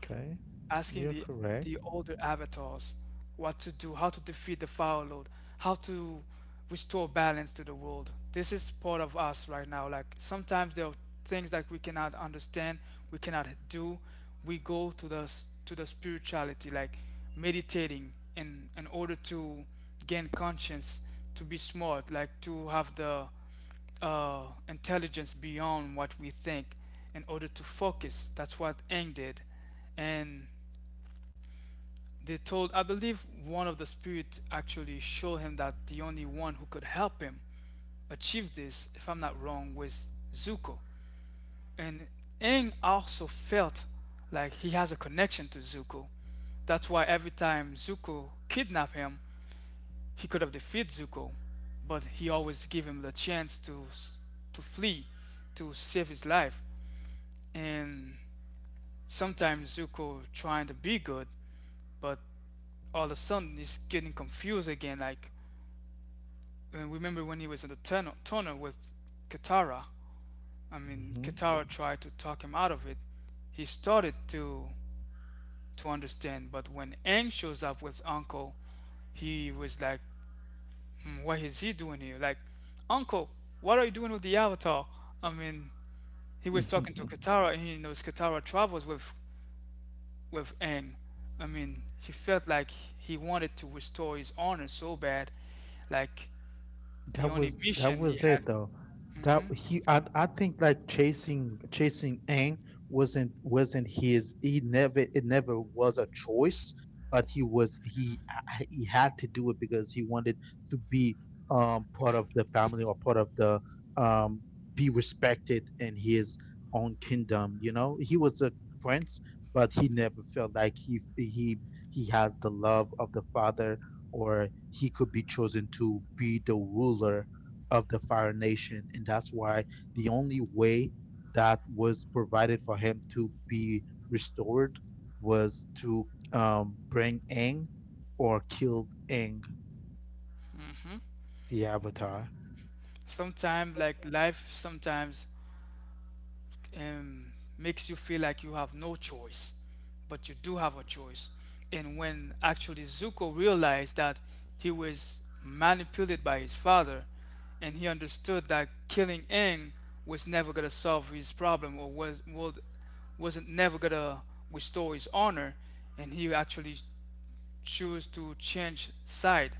asking
yeah.
the older avatars what to do, how to defeat the foul lord, how to restore balance to the world. This is part of us right now. Like sometimes there are things that we cannot understand, we cannot do. We go to the spirituality, like meditating, in order to gain conscience, to be smart, like to have the intelligence beyond what we think in order to focus. That's what Aang did. And they told, I believe one of the spirits actually showed him that the only one who could help him achieve this, if I'm not wrong, was Zuko. And Aang also felt like he has a connection to Zuko. That's why every time Zuko kidnapped him, he could have defeated Zuko, but he always gave him the chance to flee, to save his life. And sometimes Zuko trying to be good, but all of a sudden he's getting confused again. Like and remember when he was in the tunnel with Katara. I mean,
Hmm.
Katara tried to talk him out of it. He started to understand, but when Aang shows up with Uncle, he was like, "Hmm, what is he doing here? Like, uncle, what are you doing with the Avatar?" I mean, he was talking to Katara, and he knows Katara travels with Aang. I mean, he felt like he wanted to restore his honor so bad, like the
That
only
was that
mission he
was
had.
it though.
hmm
That he I think like chasing Aang wasn't his he never it never was a choice, but he was he I- he had to do it because he wanted be part of the family or part of the um, be respected in his own kingdom. You know, he was a prince, but he never felt like he has the love of the father, or he could be chosen to be the ruler of the fire nation, and that's why the only way that was provided for him to be restored was to bring Aang or kill Aang the Avatar.
Sometimes, like life, sometimes um, makes you feel like you have no choice, but you do have a choice. And when actually Zuko realized that he was manipulated by his father, and he understood that killing Aang was never gonna solve his problem or was would, wasn't never gonna restore his honor, and he actually choose to change side.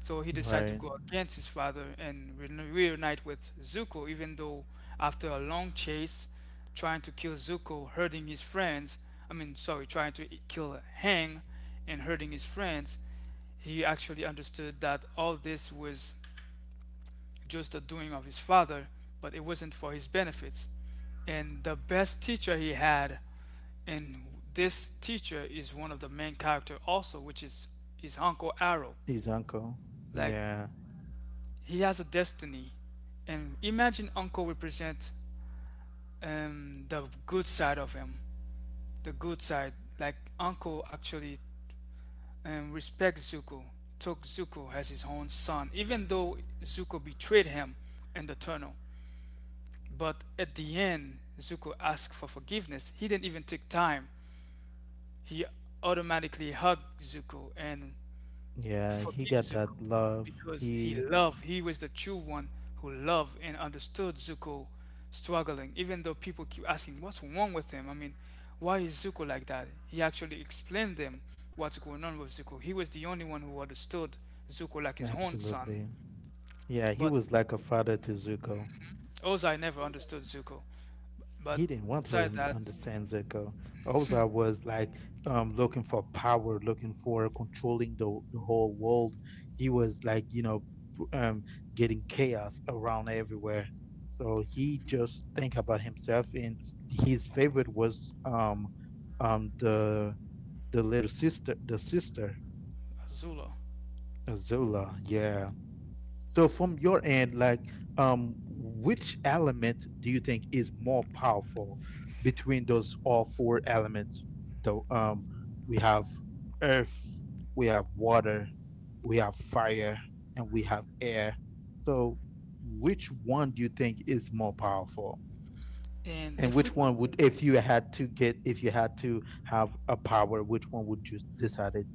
So he decided to
Right,
go against his father and reunite with Zuko, even though after a long chase, trying to kill Zuko, hurting his friends, I mean, sorry, trying to kill Hang and hurting his friends, he actually understood that all this was just the doing of his father, but it wasn't for his benefits. And the best teacher he had and this teacher is one of the main character also which is his uncle arrow,
uncle.
like
Yeah,
he has a destiny. And imagine uncle represent the good side of him the good side like uncle actually respects Zuko, took Zuko as his own son even though Zuko betrayed him in the tunnel. But at the end, Zuko asked for forgiveness. He didn't even take time, he automatically hugged Zuko and
yeah, he
forgive
got
Zuko,
that love.
because he
He
loved, he was the true one who loved and understood Zuko struggling, even though people keep asking, "What's wrong with him?" I mean, why is Zuko like that? He actually explained them what's going on with Zuko. He was the only one who understood Zuko like his own son.
absolutely, yeah, he
But
was like a father to Zuko.
Ozai never understood Zuko. But
He didn't want to
beside that,
understand Zuko. Ozai was like looking for power, looking for controlling the whole world. He was like, p- um, getting chaos around everywhere. So he just think about himself, and his favorite was um, the the little sister.
Azula.
Zola, yeah. So from your end, like, which element do you think is more powerful between those all four elements? The we have earth, we have water, we have fire, and we have air. So which one do you think is more powerful?
And
And
if we
which
could,
one would, if you had to get, if you had to have a power, which one would you decide it?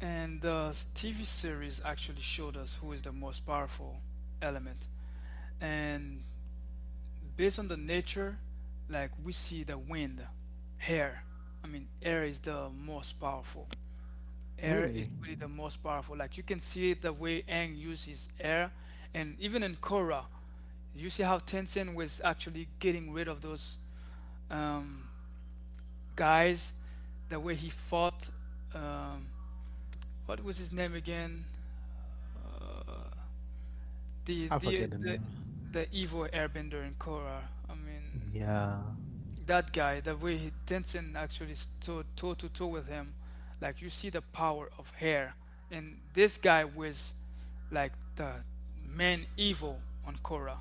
and the TV series actually showed us who is the most powerful element. And based on the nature, like we see the wind, air. I mean, air is the most powerful. Air is
Really?
really the most powerful. Like you can see the way Aang uses air, and even in Korra, you see how Tencent was actually getting rid of those um, guys. The way he fought, um, what was his name again? The
I
the
forget it.
the the evil airbender in Korra. I mean,
Yeah.
that guy, the way he, Denson actually stood toe to toe with him, like you see the power of hair. And this guy was like the main evil on Korra.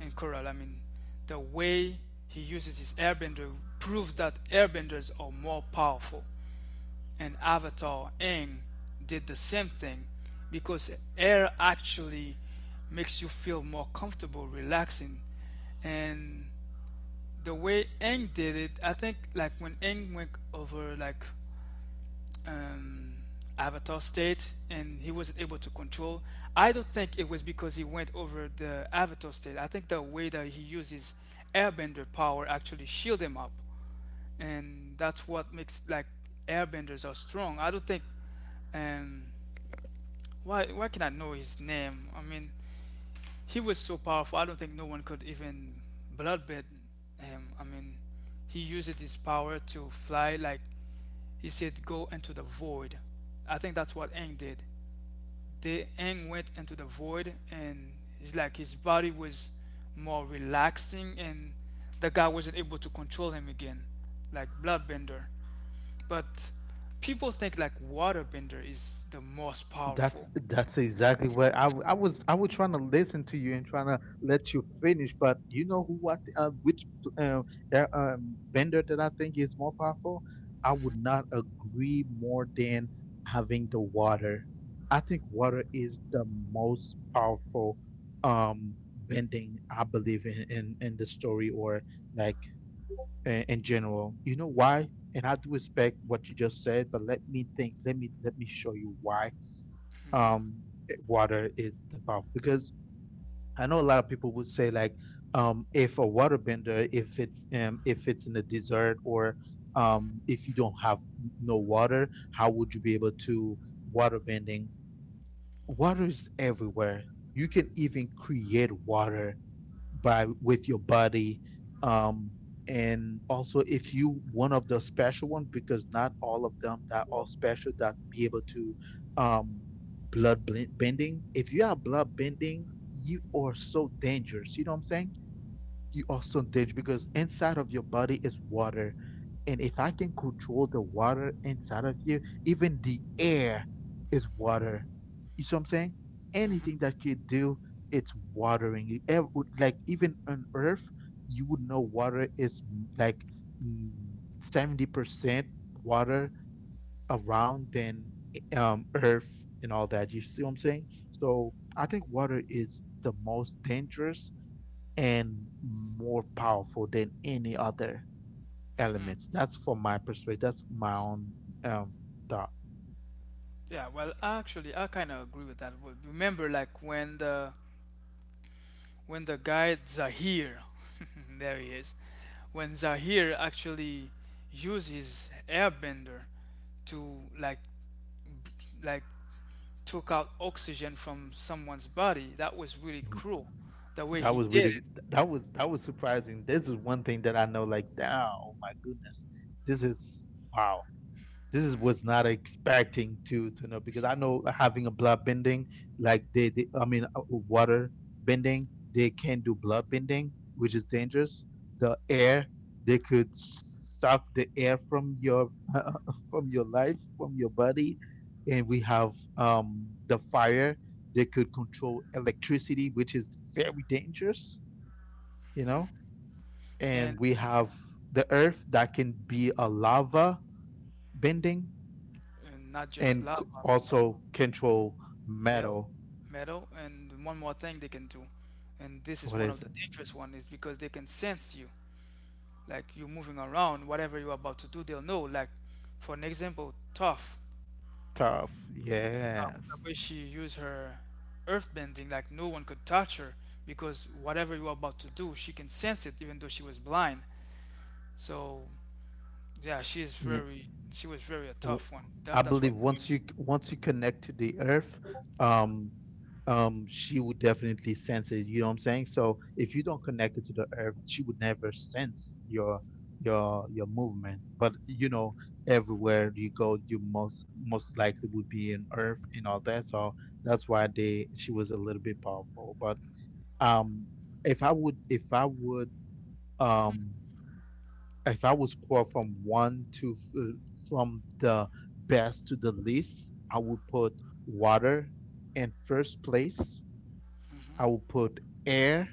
And Korra, I mean, the way he uses his airbender proves that airbenders are more powerful. And Avatar Aang did the same thing because air actually makes you feel more comfortable, relaxing, and the way Aang did it, I think like when Aang went over like um, Avatar state and he wasn't able to control, I don't think it was because he went over the Avatar state. I think the way that he used his Airbender power actually shield him up, and that's what makes like Airbenders are strong. I don't think um why can I know his name? I mean, he was so powerful. I don't think no one could even bloodbed him. I mean, he used his power to fly. Like he said, go into the void. I think that's what Aang did. They Aang went into the void, and it's like his body was more relaxing, and the guy wasn't able to control him again, like Bloodbender. But people think like Waterbender is the most
That's
powerful.
That's exactly what I was. I was trying to listen to you and trying to let you finish, but you know who? What which uh, vendor that I think is more powerful? I would not agree more than having the water. I think water is the most powerful bending, I believe, in the story, or like in general. You know why? And I do respect what you just said, but let me think. Let me show you why um,
Mm-hmm.
water is the powerful, because I know a lot of people would say, like, if a waterbender, if it's in a desert, or if you don't have no water, how would you be able to waterbending? Water is everywhere. You can even create water by with your body, um and also if you one of the special ones, because not all of them that are special that be able to um bending. If you are blood bending, you are so dangerous, you know what I'm saying? You are so dangerous because inside of your body is water. And if I can control the water inside of you, even the air, water, you see what I'm saying? Anything
Mm-hmm.
that could do watering, like even on earth, you would know water is like 70% water around than earth and all that. You see what I'm saying? So I think water is the most dangerous and more powerful than any other elements. That's from my perspective. That's my own um, thought.
Yeah, well, actually, I kind of agree with that. Well, remember, like when the guy Zahir, there he is, when Zahir actually used his airbender to like like took out oxygen from someone's body, that was really
Mm,
cruel, the way
That
he
was really
did it,
that was surprising. This is one thing that I know. Like, damn, oh my goodness, this is wow. This is, was not expecting to know, because I know having a blood bending, like they I mean water bending, they can do blood bending which is dangerous. The air, they could suck the air from your from your life from your body, and we have the fire, they could control electricity which is very dangerous, you know and
and,
we have the earth that can be a lava bending,
and not just
and
lava, everything,
also control
metal,
metal.
metal, and one more thing they can do, and this is
What
one
is
of the
it?
dangerous one is because they can sense you, like you moving around, whatever you're about to do, they'll know. Like, for an example, Toph,
Tough.
Toph, the
Yes,
way she used her earthbending, like no one could touch her because whatever you're about to do, she can sense it, even though she was blind. So yeah, she is very, she was very a tough one.
I
That, that's what.
believe once you connect to the earth, um, she would definitely sense it. You know what I'm saying? So if you don't connect it to the earth, she would never sense your movement. But everywhere you go, you most likely would be in earth and all that. So that's why they she was a little bit powerful. But um, if I would if I would um if I was score from the best to the least, I would put water in first place. I would put air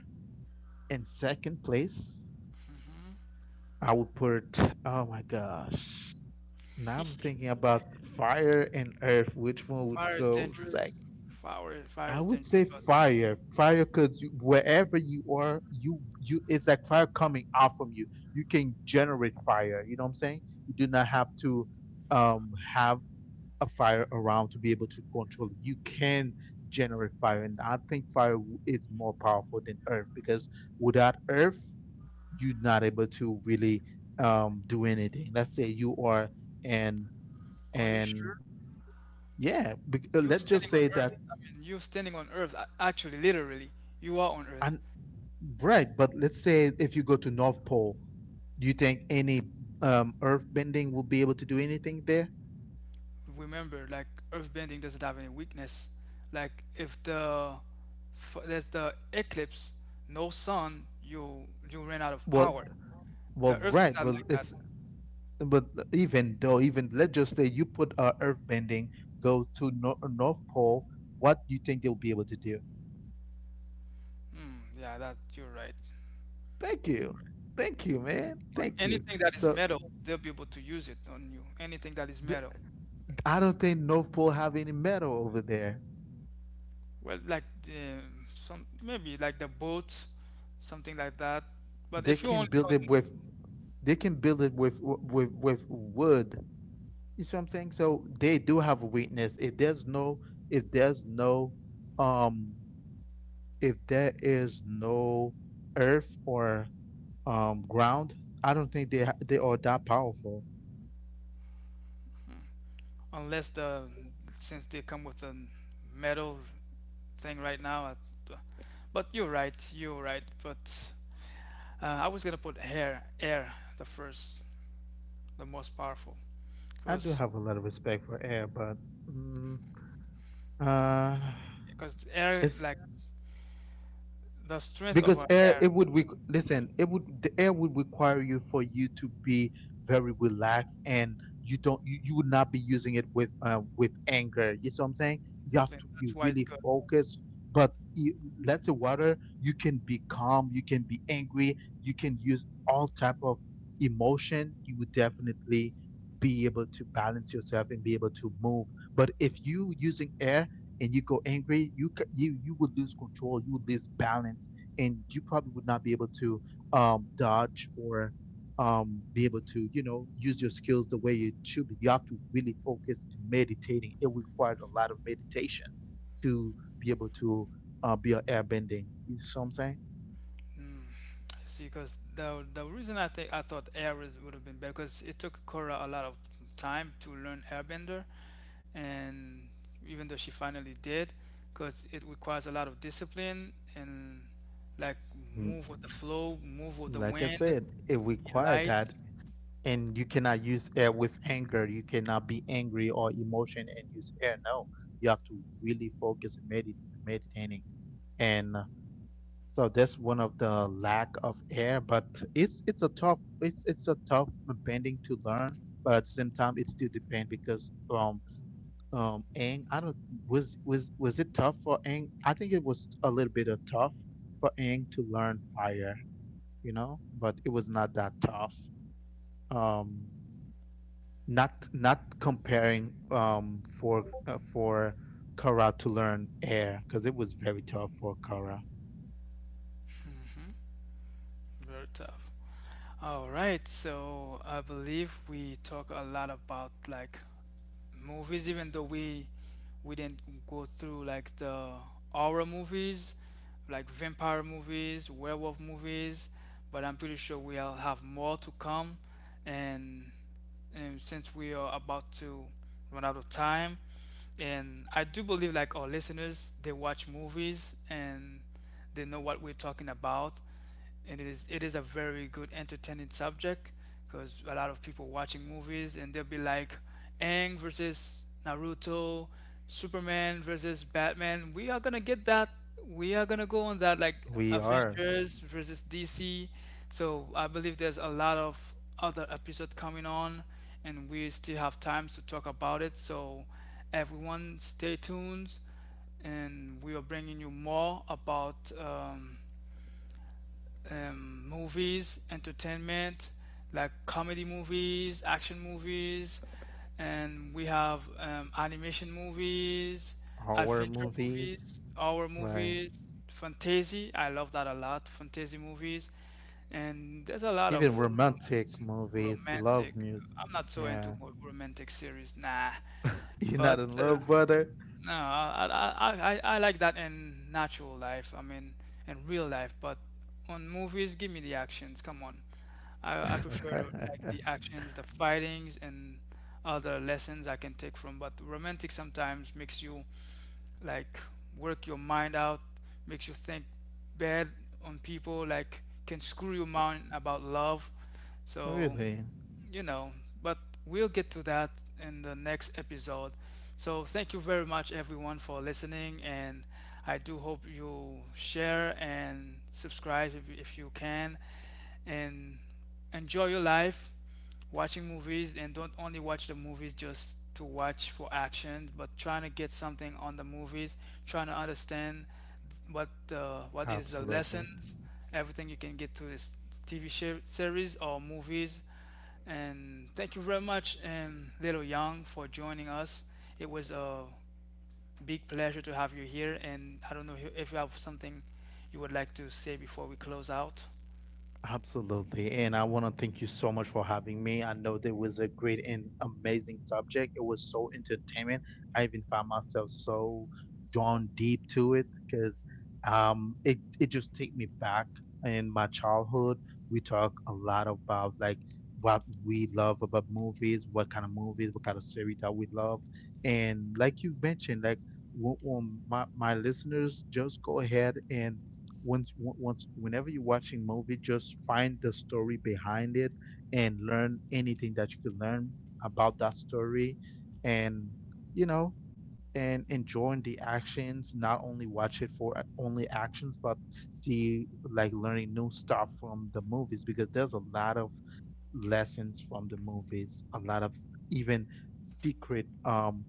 in second place. I would put oh my gosh. Now I'm thinking about fire and earth. Which one would
Fire is
go
dangerous.
second?
Fire, fire
I
is
would
dangerous.
say
But
fire. Fire because wherever you are, you it's like fire coming out from you. You can generate fire. You know what I'm saying? You do not have to have fire around to be able to control it. You can generate fire, and I think fire is more powerful than earth because without earth, you're not able to really do anything. Let's say you are and
are you
and
sure?
yeah,
You're
let's
standing
just
on
say
Earth.
that
I mean, you're standing on Earth. Actually, literally, you are on Earth.
and right, but let's say if you go to North Pole, do you think any earth bending will be able to do anything there?
Remember like earthbending doesn't have any weakness, like if the there's the eclipse, no sun, you ran out of power.
Well, well,
The earth is
right.
not
Well,
like that.
But even though, even let's just say you put earthbending go to North Pole, what do you think they'll be able to do?
Hmm, yeah, that you're right.
Thank you. Thank you, man.
But
Thank you.
anything that is metal, they'll be able to use it on you, anything that is metal.
I
Mm.
don't think North Pole have any metal over there.
Well, like the some maybe like the boat, something like that. But
They
if you
can
only
build
on,
they can build it with with wood. You see what I'm saying? So they do have a weakness. If there's no if there's no um if there is no earth or ground, I don't think they they are that powerful.
unless the since they come with a metal thing right now. At, but you're right, you're right. But I was gonna put air the first, the most powerful,
I do
because
have a lot of respect for air, but mm, uh,
air
it's
like the strength of
because
our
air,
air
it would listen, it would, the air would require you, for you to be very relaxed, and you don't you, you would not be using it with anger. You see what I'm saying? You have to
discipline.
be
That's why it's
really
good.
focused. But let's say water, you can be calm, you can be angry, you can use all type of emotion. You would definitely be able to balance yourself and be able to move. But if you using air and you go angry, you would lose control, you would lose balance, and you probably would not be able to dodge or be able to, you know, use your skills the way you should be. You have to really meditating. It required a lot of meditation to be able to be an airbending. You see what I'm saying?
Mm, I see, because the reason I think I thought air is- would have been better, because it took Cora a lot of time to learn Airbender, and even though she finally did, because it requires a lot of discipline and like
Mm.
move with the flow, move with the
Like I
wind,
said, it
be
required
light,
that. And you cannot use air with anger. You cannot be angry or emotion and use air. No, you have to really focus in meditating and so that's one of the lack of air. But it's a tough bending to learn. But at the same time, it's still pain because ang I don't was it tough for Ang? I think it was a little bit of tough for Ang to learn fire, you know, but it was not that tough. Um not not comparing for Kara to learn air, because it was very tough for Kara.
very tough. All right, so I believe we talk a lot about like movies, even though we didn't go through like the horror movies, like vampire movies, werewolf movies, but I'm pretty sure we'll have more to come. And since we are about to run out of time, and I do believe like our listeners, they watch movies and they know what we're talking about, and it is a very good entertaining subject, because a lot of people watching movies and they'll be like, Aang versus Naruto, Superman versus Batman. We are gonna get that. We are gonna go on that like
We are
Avengers versus DC. So I believe there's a lot of other episode coming on and we still have time to talk about it. So everyone stay tuned, and we are bringing you more about movies, entertainment, like comedy movies, action movies, and we have animation movies,
horror
adventure
movie,
movies, horror
right?
movies, fantasy. I love that a lot. Fantasy movies, and there's a lot
Even
of
romantic
movies.
movies, love.
Romantic. I'm not so into
Yeah,
romantic series, nah.
you're not
But
in love, brother.
no, I like that in natural life. I mean, in real life. But on movies, give me the actions. Come on, I prefer like the actions, the fightings, and other lessons I can take from. But romantic sometimes makes you like work your mind out, makes you think bad on people, like can screw your mind about love. So
Really?
you know, but we'll get to that in the next episode. So thank you very much everyone for listening, and I do hope you share and subscribe if you can, and enjoy your life watching movies, and don't only watch the movies just to watch for action, but trying to get something on the movies, trying to understand what is the lessons, everything you can get to this TV share, series or movies. And thank you very much, and Little Young, for joining us. It was a big pleasure to have you here. And I don't know if you have something you would like to say before we close out.
Absolutely. And I want to thank you so much for having me. I know there was a great and amazing subject. It was so entertainment. I even found myself so drawn deep to it because it, it just take me back in my childhood. We talk a lot about like what we love about movies, what kind of movies, what kind of series that we love. And like you mentioned, like my, my listeners, just go ahead and once once whenever you're watching movie, just find the story behind it and learn anything that you can learn about that story. And, you know, and enjoying the actions, not only watch it for only actions, but see, like, learning new stuff from the movies, because there's a lot of lessons from the movies, a lot of even secret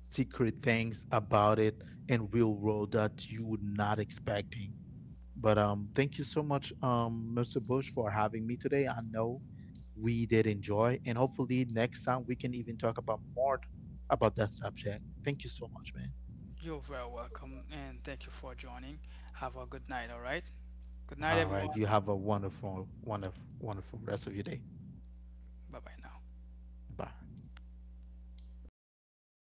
secret things about it and real world that you would not expecting. But thank you so much, Mr. Bush, for having me today. I know we did enjoy, and hopefully next time we can even talk about more about that subject. Thank you so much, man.
You're very welcome, and thank you for joining. Have a good night, all right? Good night,
All
everyone.
right, you have a wonderful, wonderful, wonderful rest of your day.
Bye bye now.
Bye.